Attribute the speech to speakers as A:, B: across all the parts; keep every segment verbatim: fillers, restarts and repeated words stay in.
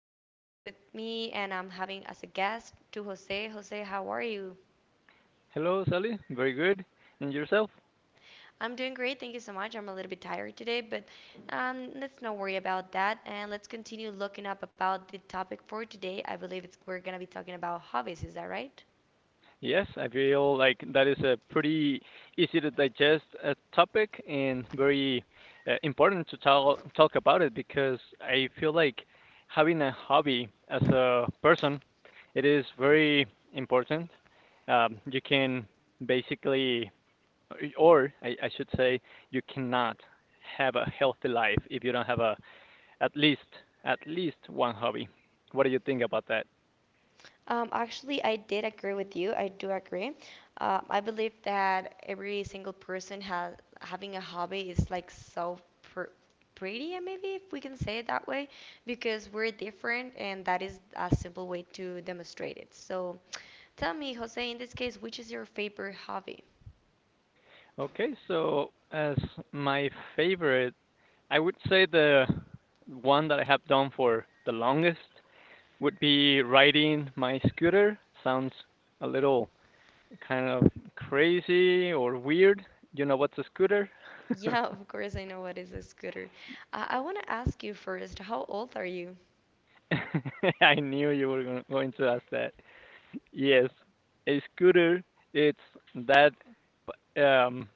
A: another pod with me, and I'm having as a guest to Jose. Jose, how are you?
B: Hello, Sally. Very good. And yourself?
A: I'm doing great, thank you so much. I'm a little bit tired today, but um, let's not worry about that and let's continue looking up about the topic for today. I believe it's we're gonna be talking about hobbies, is that right?
B: Yes, I feel like that is a pretty easy to digest uh, topic and very uh, important to talk talk about it because I feel like having a hobby as a person, it is very important. Um, you can basically, or I, I should say, you cannot have a healthy life if you don't have a at least at least one hobby. What do you think about that?
A: Um, actually, I did agree with you. I do agree. Uh, I believe that every single person has having a hobby is like so pr pretty, and maybe if we can say it that way, because we're different, and that is a simple way to demonstrate it. So, tell me, Jose, in this case, which is your favorite hobby?
B: Okay, so as my favorite, I would say the one that I have done for the longest would be riding my scooter. Sounds a little kind of crazy or weird. You know what's a scooter?
A: Yeah, of course, I know what is a scooter. Uh, I want to ask you first, how old are you?
B: I knew you were gonna- going to ask that. Yes, a scooter. It's that um,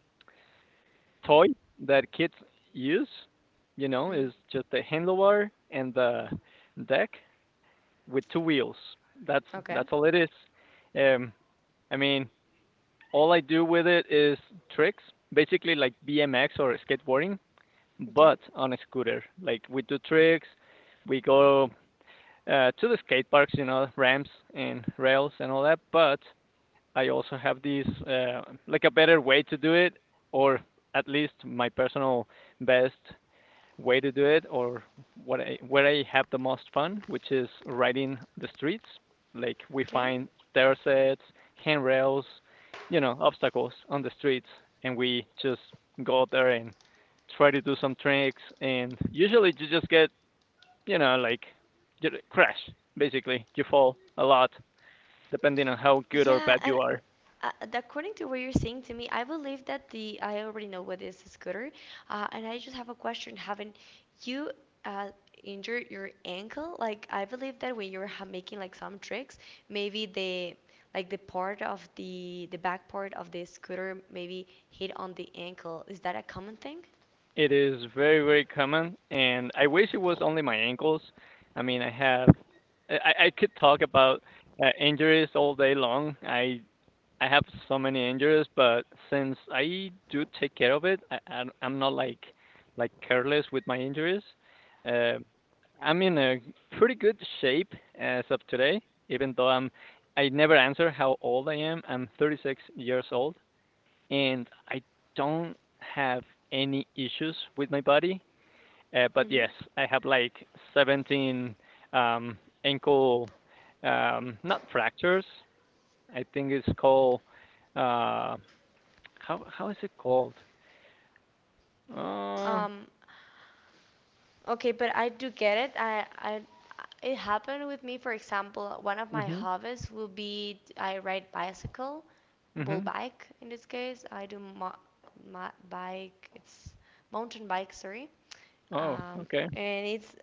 B: toy that kids use, you know,
A: hmm
B: is just the handlebar and the deck with two wheels. That's
A: Okay.
B: that's all it is. Um, I mean, all I do with it is tricks, basically like B M X or skateboarding,
A: Okay.
B: but on a scooter. Like we do tricks, we go uh, to the skate parks, you know, ramps and rails and all that. But I also have these uh, like a better way to do it, or at least my personal best way to do it or what I, where I have the most fun, which is riding the streets. Like we
A: Okay.
B: find stair sets, handrails, you know, obstacles on the streets, and we just go out there and try to do some tricks. And usually you just get, you know, like you crash basically. You fall a lot, depending on how good or
A: Yeah,
B: bad
A: and
B: you are.
A: uh, according to what you're saying to me, I believe that the I already know what is a scooter, uh, and I just have a question. Haven't you, uh, injured your ankle? Like I believe that when you're ha- making like some tricks, maybe the like the part of the the back part of the scooter maybe hit on the ankle. Is that a common thing?
B: It is very, very common, and I wish it was only my ankles. I mean, I have, I, I could talk about uh, injuries all day long. I I have so many injuries, but since I do take care of it, I, I'm I'm not like like careless with my injuries. Uh, I'm in a pretty good shape as of today, even though I'm I never answer how old I am. I'm thirty-six years old, and I don't have any issues with my body. Uh, but
A: hmm
B: yes, I have like seventeen um, ankle, um, not fractures. I think it's called uh, how how is it called? Uh,
A: Um, Okay, but I do get it. I, I, it happened with me. For example, one of my
B: mhm,
A: hobbies will be I ride bicycle, well,
B: mhm.
A: bike in this case. I do mo ma bike. It's mountain bike, sorry.
B: Oh,
A: Um,
B: okay.
A: and it's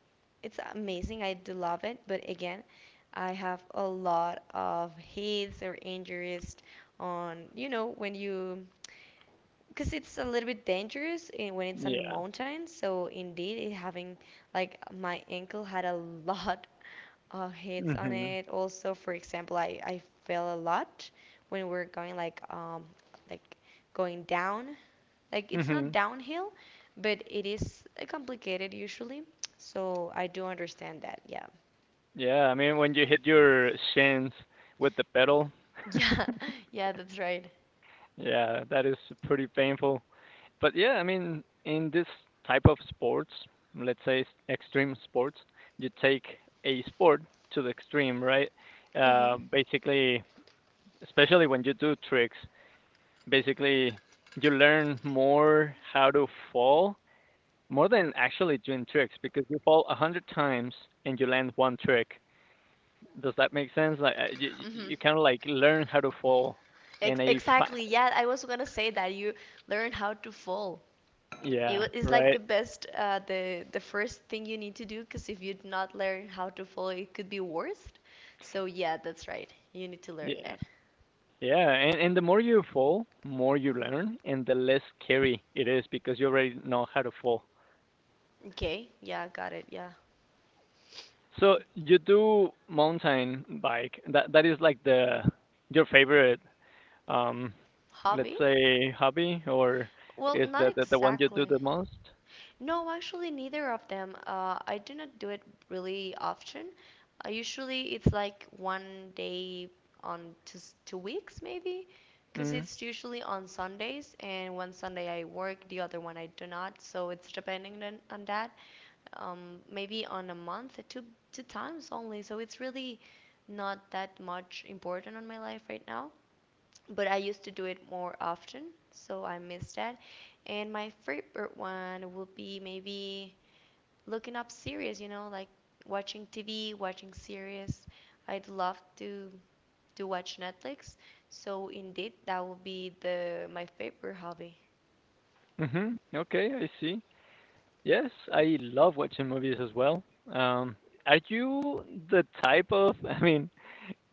A: it's amazing. I do love it. But again, I have a lot of hits or injuries on, you know, when you, because it's a little bit dangerous in, when it's on the
B: Yeah.
A: mountains. So indeed, it having like my ankle had a lot of hits on
B: Mhm,
A: it. Also, for example, I, I fell a lot when we're going like um like going down. Like it's not
B: mhm.
A: downhill, but it is uh, complicated usually. So I do understand that. Yeah.
B: Yeah. I mean, when you hit your shins with the pedal,
A: Yeah, yeah, that's right.
B: yeah, that is pretty painful. But yeah, I mean, in this type of sports, let's say s- extreme sports, you take a sport to the extreme, right? Uh,
A: Mhm.
B: basically, Especially when you do tricks, basically you learn more how to fall more than actually doing tricks because you fall a hundred times and you land one trick. Does that make sense? Like uh, you,
A: hmm
B: you kind of like learn how to fall in
A: Ex
B: a fa-
A: exactly. Yeah, I was gonna say that you learn how to fall. It
B: yeah,
A: wa- it's like
B: right?
A: the best, uh, the the first thing you need to do, because if you do not learn how to follow, it could be worst. So yeah, that's right. You need to learn
B: Yeah.
A: that.
B: Yeah, and, and the more you fall, more you learn, and the less scary it is because you already know how to fall.
A: Okay, yeah, got it. Yeah,
B: So you do mountain bike. That that is like the your favorite, um, let's
A: hobby?
B: say hobby, or
A: Well,
B: is
A: not
B: that the, the one you do
A: exactly.
B: the most?
A: No, actually, neither of them. Uh, I do not do it really often. Uh, usually, it's like one day on two, s- two weeks, maybe, because
B: Mm.
A: it's usually on Sundays, and one Sunday I work, the other one I do not. So it's depending on, on that. Um, maybe on a month, uh, two two times only. So it's really not that much important on my life right now, but I used to do it more often, so I miss that. And my favorite one would be maybe looking up series, you know, like watching T V, watching series. I'd love to to watch Netflix. So indeed, that would be the my favorite hobby.
B: Mhm. Okay, I see. Yes, I love watching movies as well. Um, are you the type of? I mean,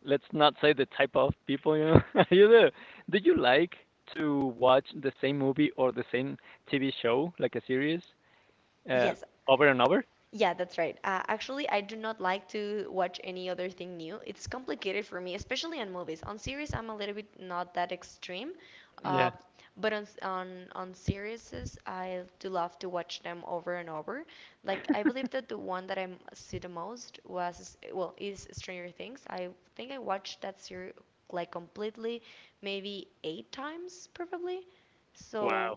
B: let's not say the type of people you know you do. Do you like to watch the same movie or the same T V show, like a series, uh,
A: Yes,
B: over and over?
A: yeah, that's right. Uh, actually, I do not like to watch any other thing new. It's complicated for me, especially on movies. On series, I'm a little bit not that extreme, uh,
B: Yeah.
A: but on s- on on series, I do love to watch them over and over. Like I believe that the one that I m- see the most was well is Stranger Things. I think I watched that series like completely, maybe eight times probably. So.
B: Wow.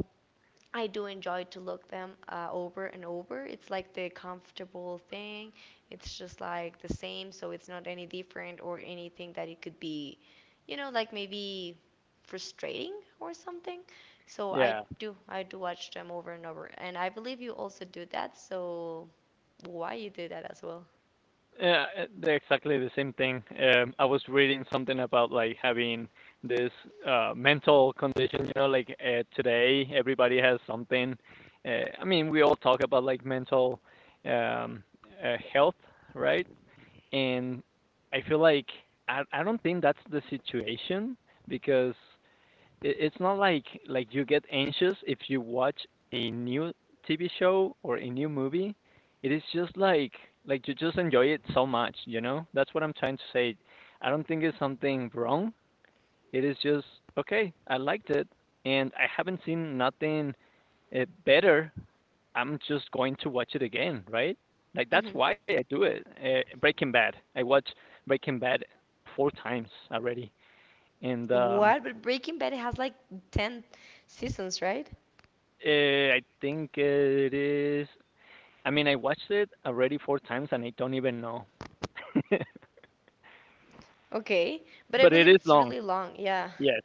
A: I do enjoy to look them uh, over and over. It's like the comfortable thing. It's just like the same, so it's not any different or anything that it could be, you know, like maybe frustrating or something. So I
B: Yeah.
A: do, I do watch them over and over, and I believe you also do that. So why you do that as well?
B: Yeah, uh, they're exactly the same thing. Um, I was reading something about like having this uh, mental condition, you know, like uh, today everybody has something. Uh, I mean, we all talk about like mental um, uh, health, right? And I feel like I I don't think that's the situation because it, it's not like like you get anxious if you watch a new T V show or a new movie. It is just like like you just enjoy it so much, you know? That's what I'm trying to say. I don't think it's something wrong. It is just okay, I liked it and I haven't seen nothing uh, better. I'm just going to watch it again, right? Like that's
A: hmm
B: why I do it. Uh, Breaking Bad. I watched Breaking Bad four times already, and um,
A: What? But Breaking Bad has like ten seasons, right?
B: uh, I think it is. I mean, I watched it already four times, and I don't even know.
A: Okay, but I
B: But it
A: believe
B: is
A: it's
B: long.
A: really long. Yeah.
B: Yes,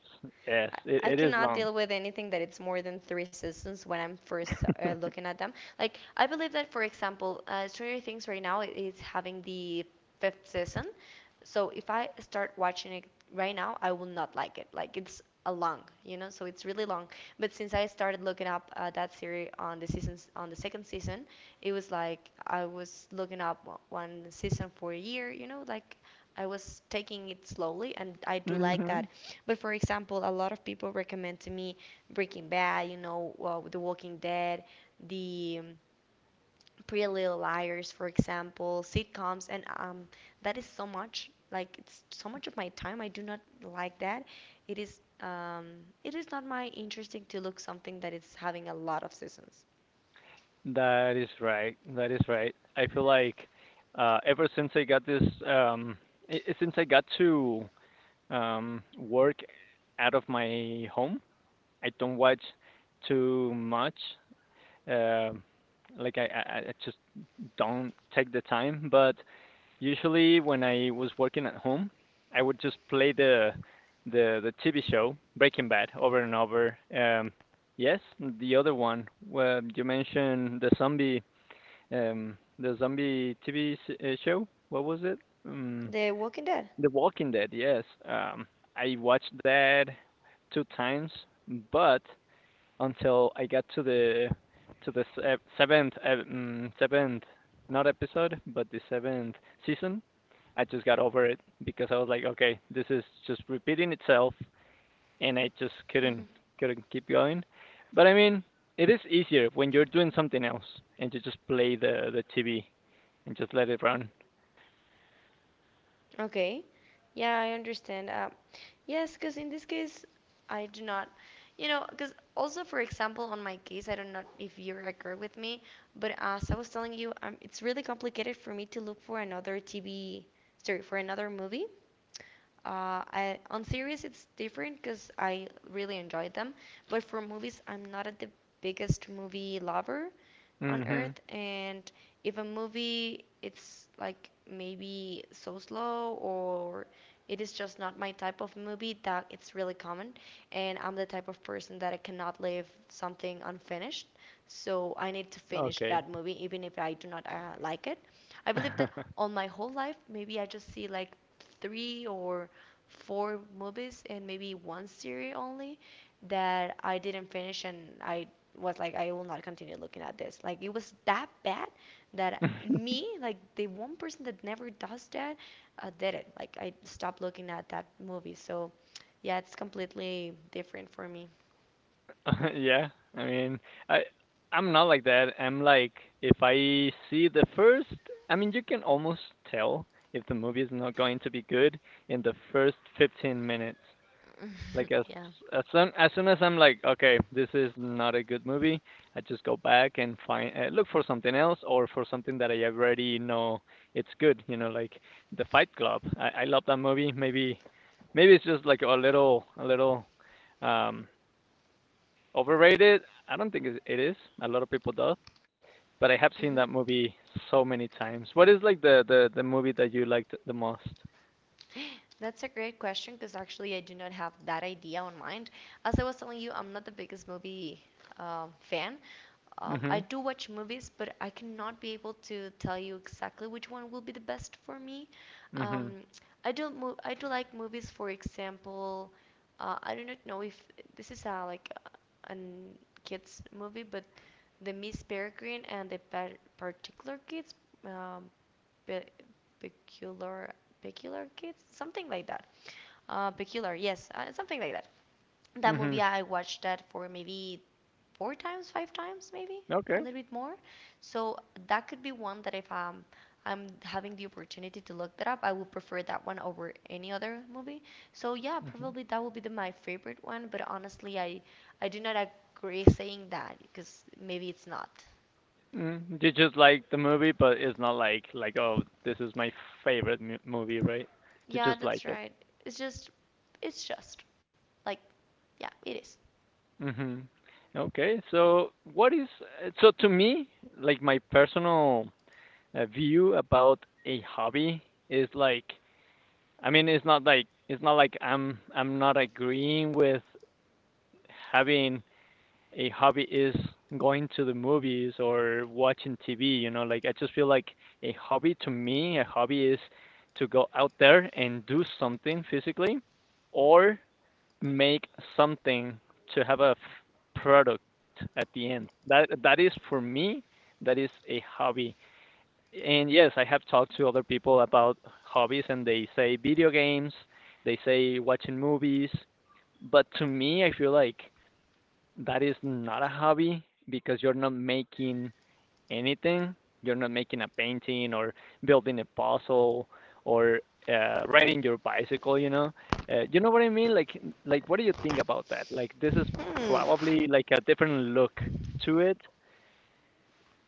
B: yes, it,
A: I
B: it is
A: cannot
B: long.
A: deal with anything that it's more than three seasons when I'm first uh, looking at them. Like I believe that, for example, uh, Stranger Things right now is having the fifth season, so if I start watching it right now, I will not like it. Like it's a long, you know, so it's really long. But since I started looking up uh, that series on the seasons on the second season, it was like I was looking up one season for a year, you know, like I was taking it slowly, and I do like that.
B: Mhm.
A: But for example, a lot of people recommend to me Breaking Bad, you know, uh, The Walking Dead, the um, Pretty Little Liars, for example, sitcoms, and um, that is so much. Like it's so much of my time. I do not like that. It is um, it is not my interesting to look something that is having a lot of seasons.
B: That is right. That is right. I feel like uh, ever since I got this, um, i- since I got to um, work out of my home. I don't watch too much. Um like I, I, I just don't take the time. But usually when I was working at home, I would just play the the the T V show Breaking Bad over and over. Um, yes, the other one where you mentioned the zombie um, the zombie T V uh, show. What was it? Um,
A: The Walking Dead.
B: the Walking Dead, yes. Um, I watched that two times, but until I got to the to the se- seventh ep- mm, seventh not episode, but the seventh season, I just got over it because I was like, okay, this is just repeating itself, and I just couldn't
A: hmm
B: couldn't keep going. But I mean, it is easier when you're doing something else and you just play the the T V and just let it run.
A: Okay. Yeah, I understand. Uh, yes, because in this case, I do not. You know, because also, for example, on my case, I don't know if you agree with me, but as I was telling you, um, it's really complicated for me to look for another T V, sorry, for another movie. Uh, I, on series, it's different because I really enjoy them, but for movies, I'm not a, the biggest movie lover on
B: Mhm.
A: earth, and if a movie it's like maybe so slow or it is just not my type of movie that it's really common, and I'm the type of person that I cannot leave something unfinished, so I need to finish
B: Okay.
A: that movie even if I do not uh, like it. I believe that on my whole life maybe I just see like three or four movies and maybe one series only that I didn't finish, and I was like I will not continue looking at this. Like it was that bad that me, like the one person that never does that, uh, did it. Like I stopped looking at that movie. So yeah, it's completely different for me.
B: Yeah, I mean, I I'm not like that. I'm like if I see the first, I mean, you can almost tell if the movie is not going to be good in the first fifteen minutes. Like as
A: Yeah.
B: as soon as soon as I'm like, okay, this is not a good movie, I just go back and find uh, look for something else or for something that I already know it's good. You know, like The Fight Club. I I love that movie. Maybe maybe it's just like a little a little um Overrated? I don't think it is. A lot of people do, but I have
A: Mhm.
B: seen that movie so many times. What is like the the the movie that you liked the most?
A: That's a great question because actually I do not have that idea on mind. As I was telling you, I'm not the biggest movie um, fan. Um, I
B: Mhm.
A: do watch movies, but I cannot be able to tell you exactly which one will be the best for me.
B: Mhm.
A: Um, I do mo- I do like movies. For example, uh, I do not know if this is a like a an kids movie, but the Miss Peregrine and the par- Particular Kids, um, Pe- peculiar, peculiar kids, something like that. Uh, peculiar, yes, uh, something like that. That
B: Mhm.
A: movie I watched that for maybe four times, five times, maybe a
B: Okay.
A: little bit more. So that could be one that if um, I'm having the opportunity to look that up, I would prefer that one over any other movie. So yeah,
B: Mhm.
A: probably that would be the, my favorite one. But honestly, I I do not agree saying that because maybe it's not.
B: Mm, you just like the movie, but it's not like like oh, this is my favorite mu movie, right? You
A: Yeah,
B: just like
A: that's
B: it.
A: right. It's just, it's just, like, yeah, it is.
B: Mhm. Okay. So what is uh, so to me, like my personal uh, view about a hobby is like I mean, it's not like it's not like I'm I'm not agreeing with having a hobby is going to the movies or watching T V, you know, like I just feel like a hobby to me, a hobby is to go out there and do something physically or make something to have a f- product at the end. That that is for me, that is a hobby. And yes, I have talked to other people about hobbies, and they say video games, they say watching movies, but to me, I feel like that is not a hobby because you're not making anything. You're not making a painting or building a puzzle or uh, riding your bicycle. You know, uh, you know what I mean? Like, like, what do you think about that? Like, this is
A: Hmm,
B: probably like a different look to it.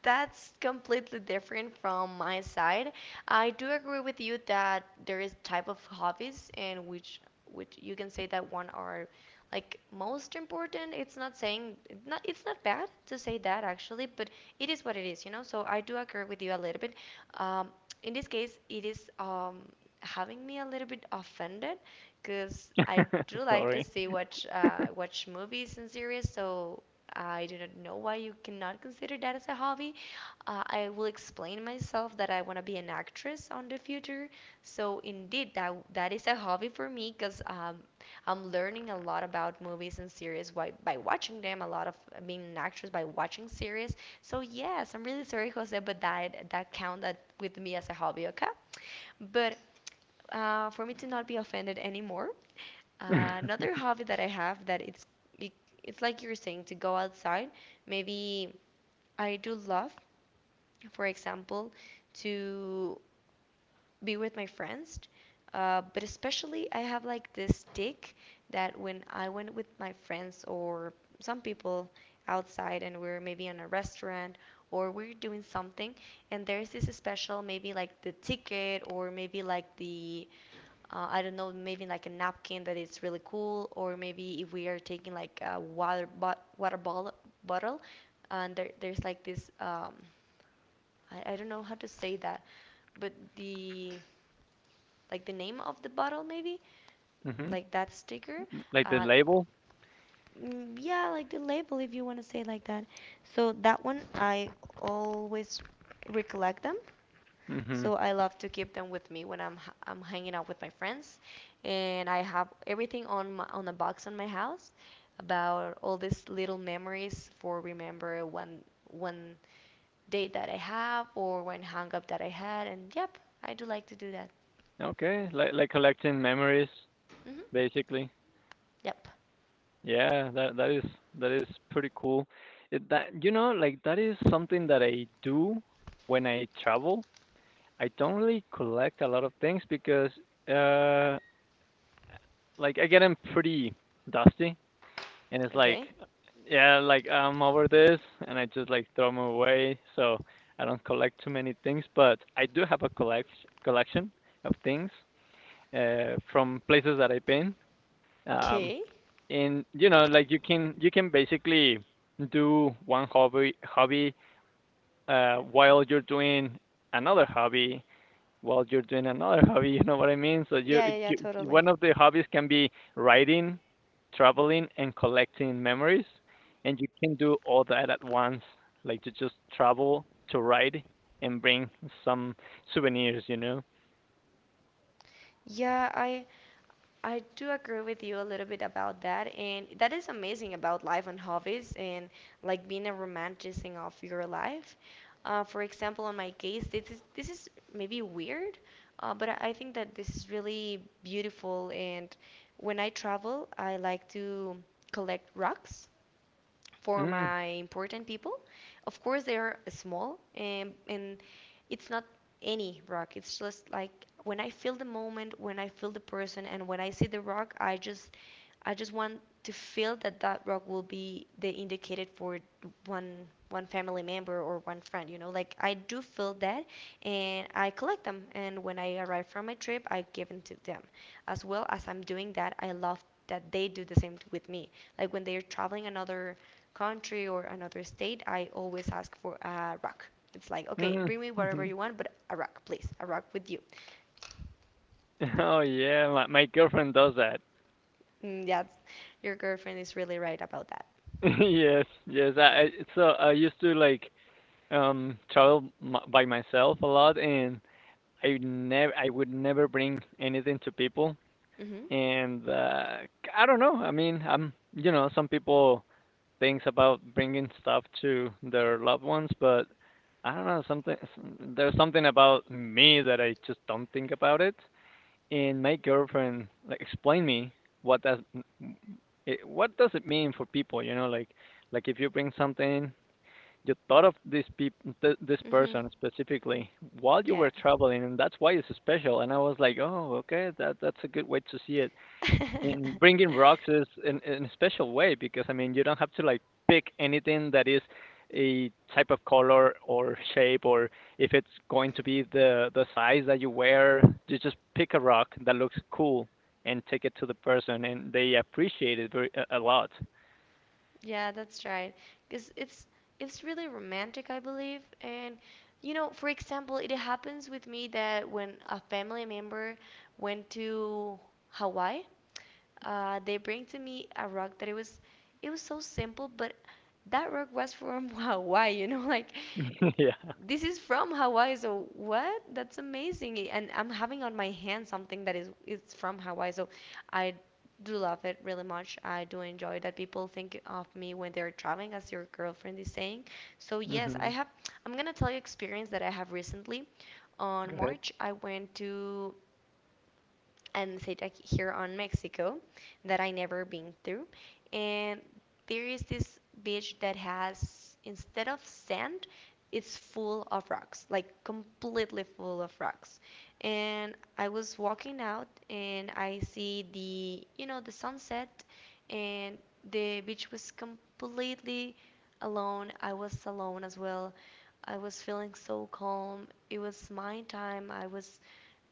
A: that's completely different from my side. I do agree with you that there is type of hobbies in which which you can say that one are like most important. It's not saying not it's not bad to say that actually, but it is what it is, you know. So I do agree with you a little bit. Um, in this case, it is um having me a little bit offended because I do like to
B: Sorry.
A: see watch uh, watch movies and series. So I do not know why you cannot consider that as a hobby. Uh, I will explain myself that I want to be an actress on the future. So indeed, that that is a hobby for me because um, I'm learning a lot about movies and series by, by watching them. A lot of uh, being an actress by watching series. So yes, I'm really sorry, Jose, but that that count that with me as a hobby, okay? But uh, for me to not be offended anymore. Uh, another hobby that I have that it's it, it's like you're saying to go outside. Maybe I do love, for example, to be with my friends. Uh, but especially I have like this stick that when I went with my friends or some people outside and we're maybe in a restaurant or we're doing something, and there's this special, maybe like the ticket or maybe like the uh, I don't know, maybe like a napkin that is really cool, or maybe if we are taking like a water bot water bottle bottle, and there there's like this um, I, I don't know how to say that, but the like the name of the bottle maybe,
B: Hmm.
A: like that sticker,
B: Like the
A: uh,
B: label.
A: mm, yeah, like the label if you want to say like that. So that one I always recollect them.
B: Mm-hmm.
A: So I love to keep them with me when I'm h- I'm hanging out with my friends, and I have everything on my, on a box in my house about all these little memories for remember one one date that I have or one hang up that I had, and yep, I do like to do that.
B: Okay, like like collecting memories,
A: Hmm.
B: basically.
A: Yep.
B: Yeah, that that is that is pretty cool. It, that you know, like that is something that I do when I travel. I don't really collect a lot of things because uh like I get them pretty dusty and it's like
A: Okay.
B: yeah, like I'm over this and I just like throw them away. So I don't collect too many things, but I do have a collect collection of things uh from places that I've been. Um,
A: Okay.
B: and you know like you can you can basically do one hobby hobby uh while you're doing another hobby while you're doing another hobby, you know what I mean? So you,
A: Yeah, yeah, yeah,
B: you one
A: totally.
B: of the hobbies can be writing, traveling and collecting memories, and you can do all that at once, like to just travel, to ride and bring some souvenirs, you know.
A: Yeah, I I do agree with you a little bit about that, and that is amazing about life and hobbies and like being a romanticizing of your life. Uh, for example, in my case, this is this is maybe weird, uh, but I I think that this is really beautiful. And when I travel, I like to collect rocks for
B: Mm,
A: my important people. Of course, they are small, and, and it's not any rock. It's just like when I feel the moment, when I feel the person, and when I see the rock, I just, I just want to feel that that rock will be the indicated for one one family member or one friend. You know, like I do feel that, and I collect them. And when I arrive from my trip, I give them to them. As well as I'm doing that, I love that they do the same with me. Like when they are traveling another country or another state, I always ask for a rock. It's like, okay,
B: mm.
A: bring me whatever you want, but a rock, please, a rock with you.
B: Oh yeah, my, my girlfriend does that.
A: Mm, yeah, your girlfriend is really right about that.
B: Yes, yes. I, I So I used to like um travel m- by myself a lot, and I never I would never bring anything to people.
A: Mhm.
B: And uh, I don't know. I mean, I'm you know some people thinks about bringing stuff to their loved ones, but I don't know something. s- There's something about me that I just don't think about it, and my girlfriend like explained me what does it, what does it mean for people, you know, like like if you bring something you thought of this peop th- this
A: Mhm.
B: person specifically while you
A: Yeah.
B: were traveling, and that's why it's special. And I was like, oh okay, that that's a good way to see it. And bringing rocks is in, in a special way, because I mean you don't have to like pick anything that is a type of color or shape or if it's going to be the the size that you wear. You just pick a rock that looks cool and take it to the person, and they appreciate it very, a, a lot.
A: Yeah, that's right. 'Cause it's it's really romantic, I believe. And you know, for example, it happens with me that when a family member went to Hawaii, uh, they bring to me a rug that it was it was so simple, but that rug was from Hawaii, you know, like,
B: Yeah.
A: this is from Hawaii. So what, that's amazing. I- and I'm having on my hand something that is it's from Hawaii. So I do love it really much. I do enjoy that people think of me when they're traveling, as your girlfriend is saying. So yes, i
B: Hmm.
A: have I'm gonna tell you experience that I have recently. On
B: Go ahead.
A: March I went to, and say ac- here on Mexico, that I never been through. And there is this beach that has, instead of sand, it's full of rocks, like completely full of rocks. And I was walking out, and I see the you know the sunset, and the beach was completely alone. I was alone as well. I was feeling so calm. It was my time. I was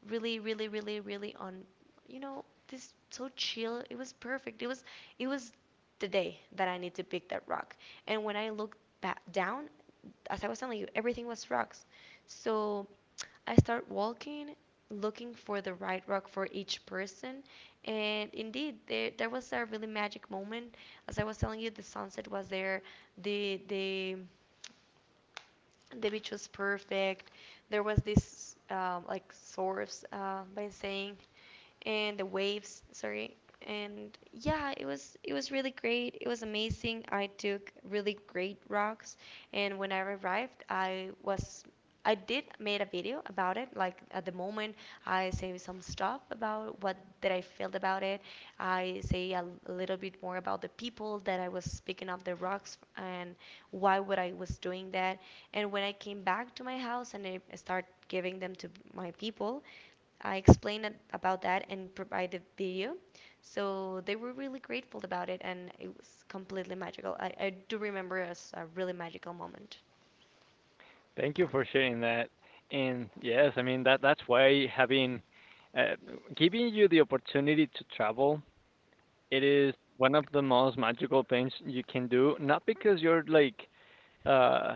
A: really really really really on, you know this so chill, it was perfect, it was it was the day that I need to pick that rock. And when I looked back down, as I was telling you, everything was rocks. So I start walking, looking for the right rock for each person, and indeed there, there was a really magic moment. As I was telling you, the sunset was there, the the the beach was perfect. There was this um, like source uh, by saying, and the waves, sorry. And yeah, it was it was really great. It was amazing. I took really great rocks, and when I arrived, I was I did made a video about it. Like at the moment, I say some stuff about what that I felt about it. I say a a little bit more about the people that I was picking up the rocks, and why what I was doing that. And when I came back to my house and I start giving them to my people, I explained it- about that and provided video. So they were really grateful about it, and it was completely magical. I, I do remember it as a really magical moment.
B: Thank you for sharing that. And yes, I mean that that's why having uh, giving you the opportunity to travel, it is one of the most magical things you can do. Not because you're like, uh,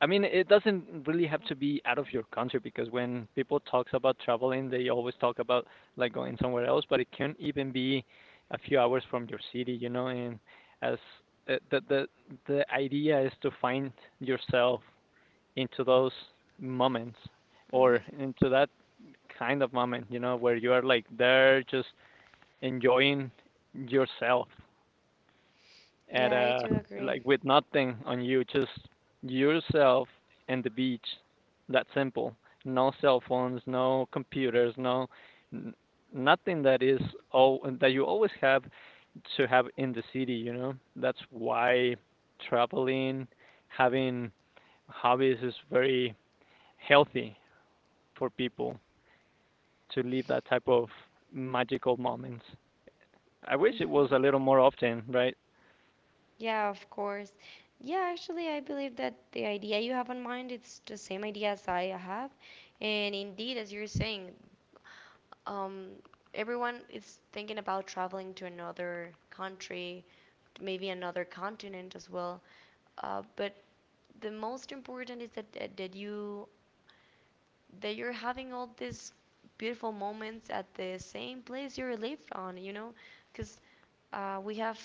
B: I mean, it doesn't really have to be out of your country, because when people talks about traveling, they always talk about like going somewhere else, but it can even be a few hours from your city, you know. And as uh, the the the idea is to find yourself into those moments,
A: Hmm.
B: or into that kind of moment, you know, where you are like there just enjoying yourself at
A: Yeah, I
B: a
A: do agree.
B: like with nothing on you, just yourself and the beach. That simple. No cell phones, no computers, no n- nothing that is all that you always have to have in the city, you know. That's why traveling, having hobbies is very healthy for people to live that type of magical moments. I wish it was a
A: Hmm.
B: little more often, right?
A: Yeah, of course. Yeah, actually, I believe that the idea you have in mind it's the same idea as I have, and indeed, as you're saying, um, everyone is thinking about traveling to another country, maybe another continent as well. Uh, but the most important is that, that that you that you're having all these beautiful moments at the same place you live on, you know, because uh, we have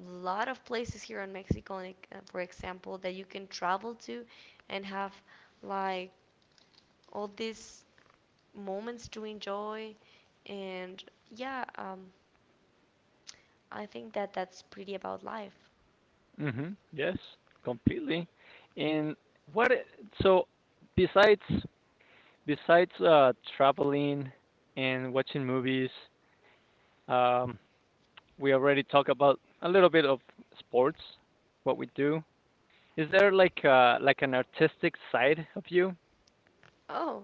A: lot of places here in Mexico, like, uh, for example, that you can travel to and have like all these moments to enjoy. And yeah, um, I think that that's pretty about life.
B: Mm-hmm. Yes, completely. And what? i- So besides besides uh, traveling and watching movies, um, we already talked about a little bit of sports, what we do. Is there like uh like an artistic side of you?
A: Oh,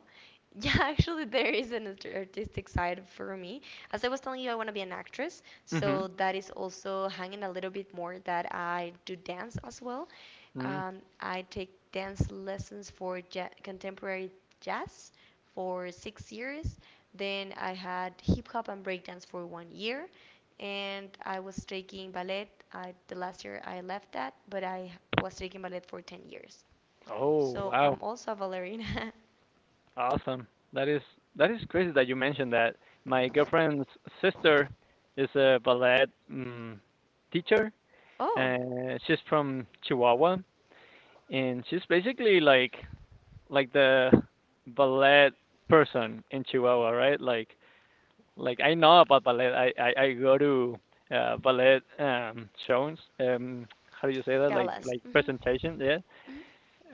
A: yeah, actually, there is an art- artistic side for me. As I was telling you, I want to be an actress,
B: Mm-hmm.
A: so that is also hanging a little bit more that I do dance as well.
B: Mm.
A: Um, I take dance lessons for ja contemporary jazz for six years. Then I had hip hop and breakdance for one year, and I was taking ballet. I, the last year I left that, but I was taking ballet for ten years.
B: Oh
A: So I'm
B: wow,
A: also a ballerina.
B: awesome. That is that is crazy that you mentioned that. My girlfriend's sister is a ballet mm, teacher.
A: Oh,
B: Uh, she's from Chihuahua, and she's basically like like the ballet person in Chihuahua, right? Like like I know about ballet. I I, I go to uh, ballet um, shows. Um, how do you say that? Like
A: galas.
B: like
A: Hmm.
B: presentation, yeah.
A: Hmm.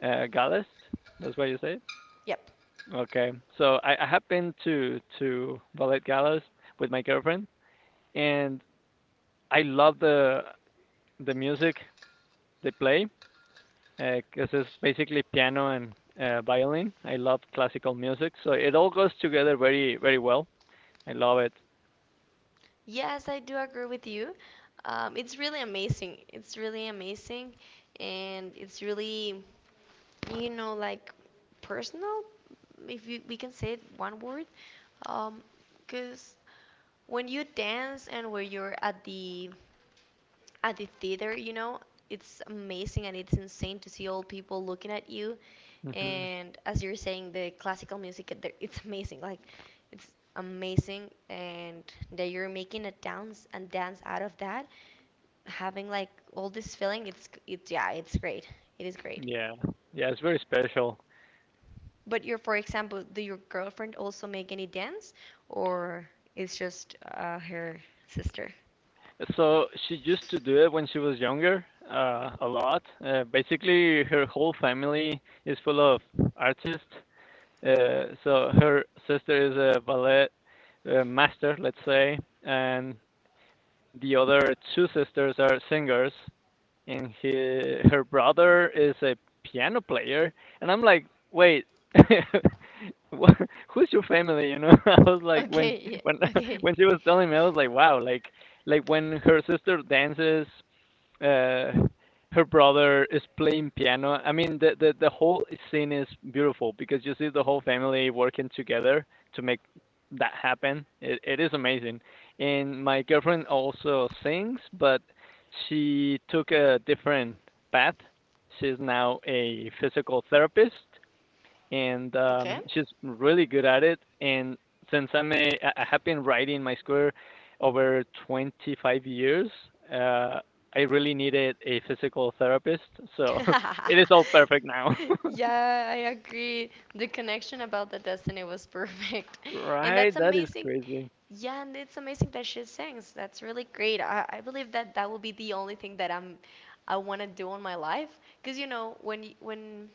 B: Uh, galas. That's what you say.
A: Yep.
B: Okay. So I, I have been to to ballet galas with my girlfriend, and I love the the music they play, because it's basically piano and uh, violin. I love classical music, so it all goes together very, very well. I love it.
A: Yes, I do agree with you. Um, it's really amazing. It's really amazing, and it's really, you know, like personal, if you, we can say it one word, um, because when you dance and when you're at the at the theater, you know, it's amazing, and it's insane to see all people looking at you.
B: Hmm.
A: And as you're saying, the classical music, it- there- it's amazing. Like, it's amazing, and that you're making a dance and dance out of that, having like all this feeling. It's it's yeah, it's great. It is great.
B: Yeah, yeah, it's very special.
A: But your, for example, do your girlfriend also make any dance, or it's just uh, her sister?
B: So she used to do it when she was younger, uh, a lot. Uh, basically, her whole family is full of artists. Uh, so her sister is a ballet uh, master, let's say, and the other two sisters are singers. And he her brother is a piano player, and I'm like, wait. What, who's your family? You know. I was like when
A: Okay, yeah,
B: when
A: okay,
B: when she was telling me, I was like, wow. like like when her sister dances, uh, her brother is playing piano. I mean, the, the the whole scene is beautiful, because you see the whole family working together to make that happen. It it is amazing. And my girlfriend also sings, but she took a different path. She's now a physical therapist, and
A: okay.
B: um, she's really good at it. And since I'm a, I have been riding my scooter over twenty-five years, uh, I really needed a physical therapist. So it is all perfect now.
A: Yeah, I agree. The connection about the destiny was perfect. And that's
B: Right? That is
A: amazing.
B: crazy.
A: Yeah, and it's amazing that she sings. That's really great. I, I believe that that will be the only thing that I'm I want to do in my life, because you know when y- when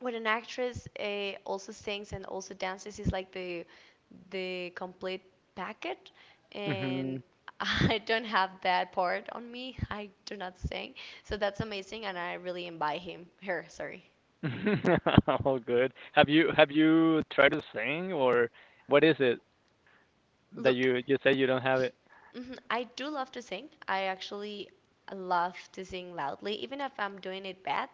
A: when an actress uh, also sings and also dances is like the the complete package.
B: Hmm.
A: And I don't have that part on me, I do not sing. So that's amazing, and I really admire him, her, sorry.
B: All good. Have you have you tried to sing, or what is it that
A: Look.
B: you you say you don't have it?
A: Hmm. I do love to sing. I actually love to sing loudly, even if I'm doing it bad.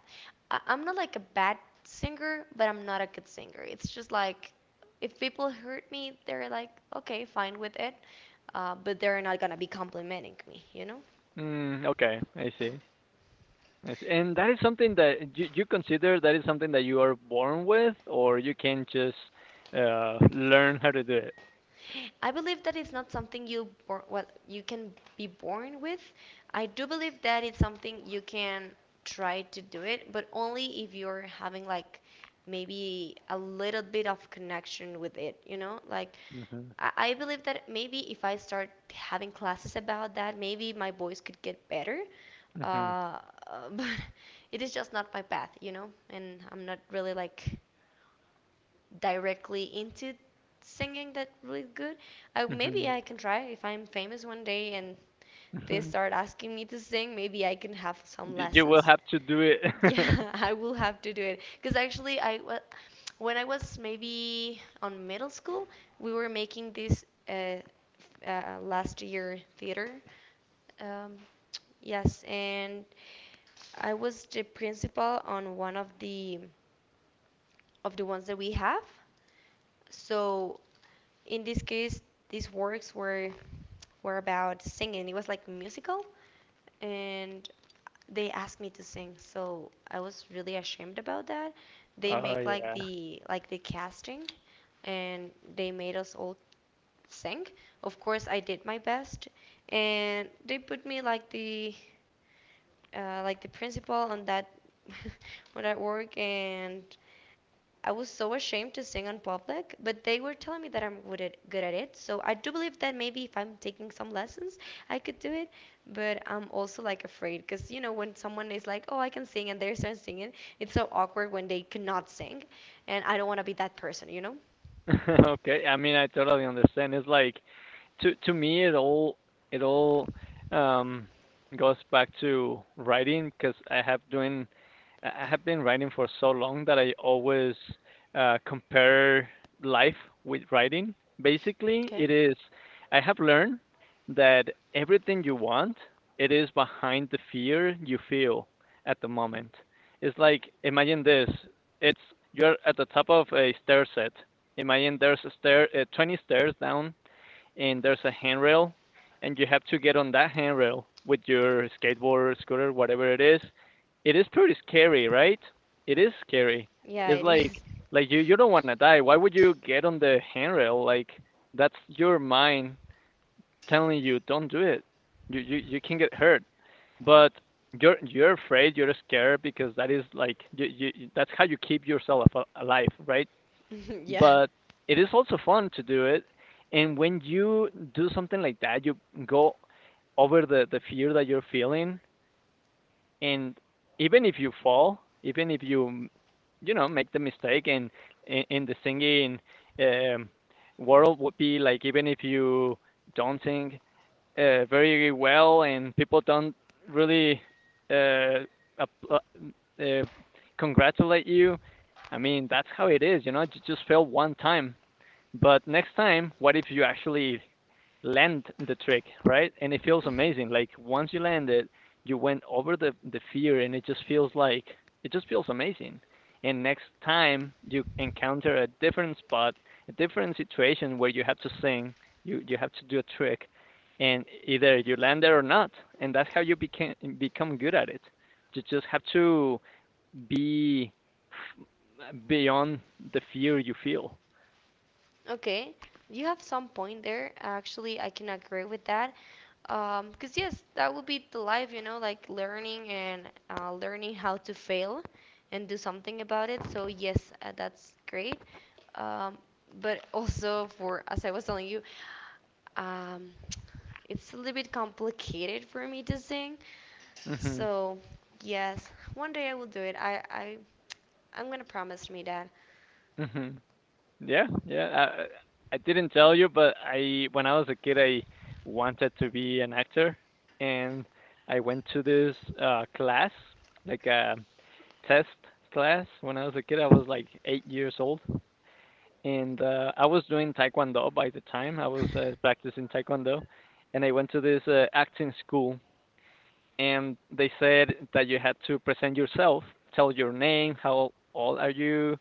A: I- I'm not like a bad singer, but I'm not a good singer. It's just like, if people hurt me, they're like, okay, fine with it, uh, but they're not gonna be complimenting me, you know?
B: Mm, okay, I see. Yes, and that is something that you, you consider that is something that you are born with, or you can just uh, learn how to do it.
A: I believe that it's not something you bor- well, you can be born with. I do believe that it's something you can try to do it, but only if you're having like maybe a little bit of connection with it, you know? Like,
B: Mhm,
A: I, I believe that maybe if I start having classes about that, maybe my voice could get better.
B: mhm,
A: Uh, but it is just not my path, you know? And I'm not really like directly into singing that really good. Uh, maybe
B: mhm,
A: I can try if I'm famous one day and they
B: mhm.
A: start asking me to sing. Maybe I can have some
B: You you will
A: lessons.
B: have to do it.
A: Yeah, I will have to do it. Because actually, I wa- when I was maybe on middle school, we were making this uh, f- uh, last year theater. Um, yes, and I was the principal on one of the of the ones that we have. So in this case, these works were were about singing. It was like musical, and they asked me to sing, so I was really ashamed about that. They
B: Oh
A: make like
B: yeah.
A: the like the casting, and they made us all sing. Of course I did my best, and they put me like the uh, like the principal on that on that work, and I was so ashamed to sing in public, but they were telling me that I'm good at, good at it. So I do believe that maybe if I'm taking some lessons, I could do it. But I'm also like afraid because, you know, when someone is like, oh, I can sing, and they start singing, it's so awkward when they cannot sing. And I don't want to be that person, you know?
B: Okay. I mean, I totally understand. It's like to to me it all it all um goes back to writing, because I have doing I have been writing for so long that I always uh, compare life with writing. Basically,
A: Okay.
B: it is I have learned that everything you want, it is behind the fear you feel at the moment. It's like imagine this: it's you're at the top of a stair set. Imagine there's a stair, uh, twenty stairs down, and there's a handrail, and you have to get on that handrail with your skateboard, scooter, whatever it is. It is pretty scary, right? It is scary.
A: Yeah,
B: It's
A: it
B: like
A: is.
B: like you you don't want to die. Why would you get on the handrail? Like that's your mind telling you, don't do it. You you you can get hurt, but you're you're afraid, you're scared, because that is like you, you that's how you keep yourself alive, right?
A: Yeah.
B: But it is also fun to do it. And when you do something like that, you go over the, the fear that you're feeling. And even if you fall, even if you, you know, make the mistake, and in, in the singing um, world would be like, even if you don't sing uh, very well and people don't really uh, apl- uh, uh, congratulate you, I mean, that's how it is, you know. You just fail one time, but next time, what if you actually land the trick, right? And it feels
A: Mhm.
B: amazing. Like once you land it, you went over the the fear, and it just feels like it just feels amazing. And next time you encounter a different spot, a different situation where you have to sing, you you have to do a trick, and either you land there or not, and that's how you became become good at it. You just have to be beyond the fear you feel.
A: Okay, you have some point there. Actually, I can agree with that. Um, Cause yes, that would be the life, you know, like learning and uh, learning how to fail and do something about it. So yes, uh, that's great. Um, but also for, as I was telling you, um, it's a little bit complicated for me to sing.
B: Hmm.
A: So yes, one day I will do it. I I I'm gonna promise me that.
B: Mhm. Yeah, yeah. I, I I didn't tell you, but I when I was a kid, I wanted to be an actor, and I went to this uh class, like a test class. When I was a kid, I was like eight years old, and uh, I was doing taekwondo by the time. I was uh, practicing taekwondo, and I went to this uh, acting school, and they said that you had to present yourself, tell your name, how old are you,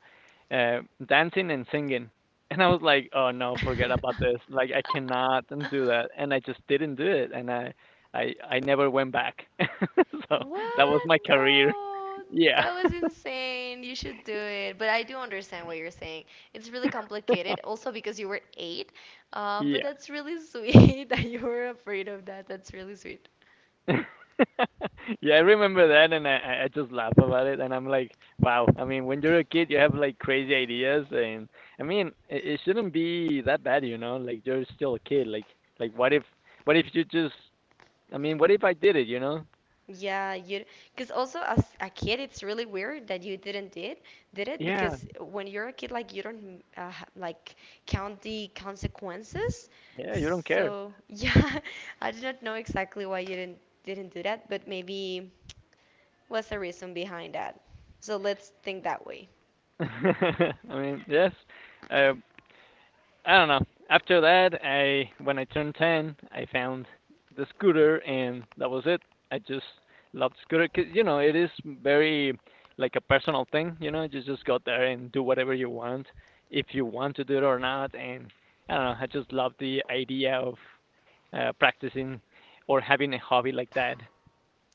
B: uh, dancing and singing. And I was like, oh no, forget about this. Like I cannot do that. And I just didn't do it. And I, I, I never went back. So that was
A: What?
B: my career.
A: No,
B: Yeah.
A: that was insane. You should do it. But I do understand what you're saying. It's really complicated, also because you were eight. Uh, but
B: Yeah.
A: that's really sweet that you were afraid of that. That's really sweet.
B: Yeah, I remember that, and I, I just laugh about it, and I'm like, wow. I mean, when you're a kid, you have like crazy ideas. And I mean, it, it shouldn't be that bad, you know. Like you're still a kid. Like, like what if, what if you just? I mean, what if I did it? You know?
A: Yeah, you, because also as a kid it's really weird that you didn't did did it,
B: Yeah,
A: because when you're a kid like you don't uh, ha- like count the consequences.
B: yeah. You don't care.
A: So yeah, I do not know exactly why you didn't didn't do that, but maybe what's the reason behind that? So let's think that way.
B: I mean, yes. Uh, I don't know. After that, I when I turned ten, I found the scooter, and that was it. I just loved scooter, because you know it is very like a personal thing. You know, you just go there and do whatever you want, if you want to do it or not. And I don't know. I just love the idea of uh, practicing or having a hobby like that.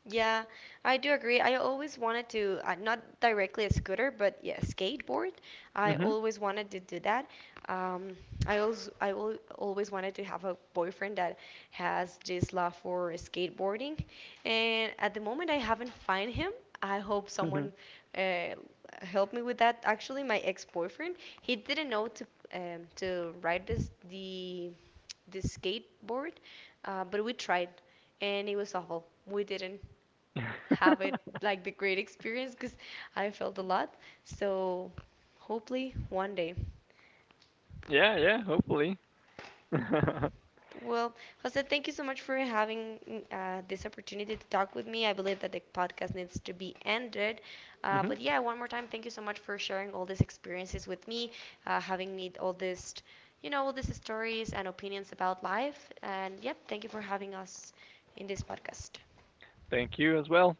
A: Yeah, I do agree. I always wanted to, uh, not directly a scooter, but yeah, skateboard. I
B: Mhm.
A: always wanted to do that. Um, I also I al always wanted to have a boyfriend that has this love for skateboarding, and at the moment I haven't find him. I hope
B: Mhm.
A: someone uh, helped me with that. Actually, my ex-boyfriend, he didn't know to um, to ride this the the skateboard, uh, but we tried, and it was awful. We didn't have it like the great experience because I felt a lot. So hopefully one day.
B: Yeah, yeah. Hopefully.
A: Well, Jose, thank you so much for having uh, this opportunity to talk with me. I believe that the podcast needs to be ended. Uh,
B: Mhm.
A: but yeah, one more time, thank you so much for sharing all these experiences with me, uh, having me all this, you know, all these stories and opinions about life. And yep, thank you for having us in this podcast.
B: Thank you as well.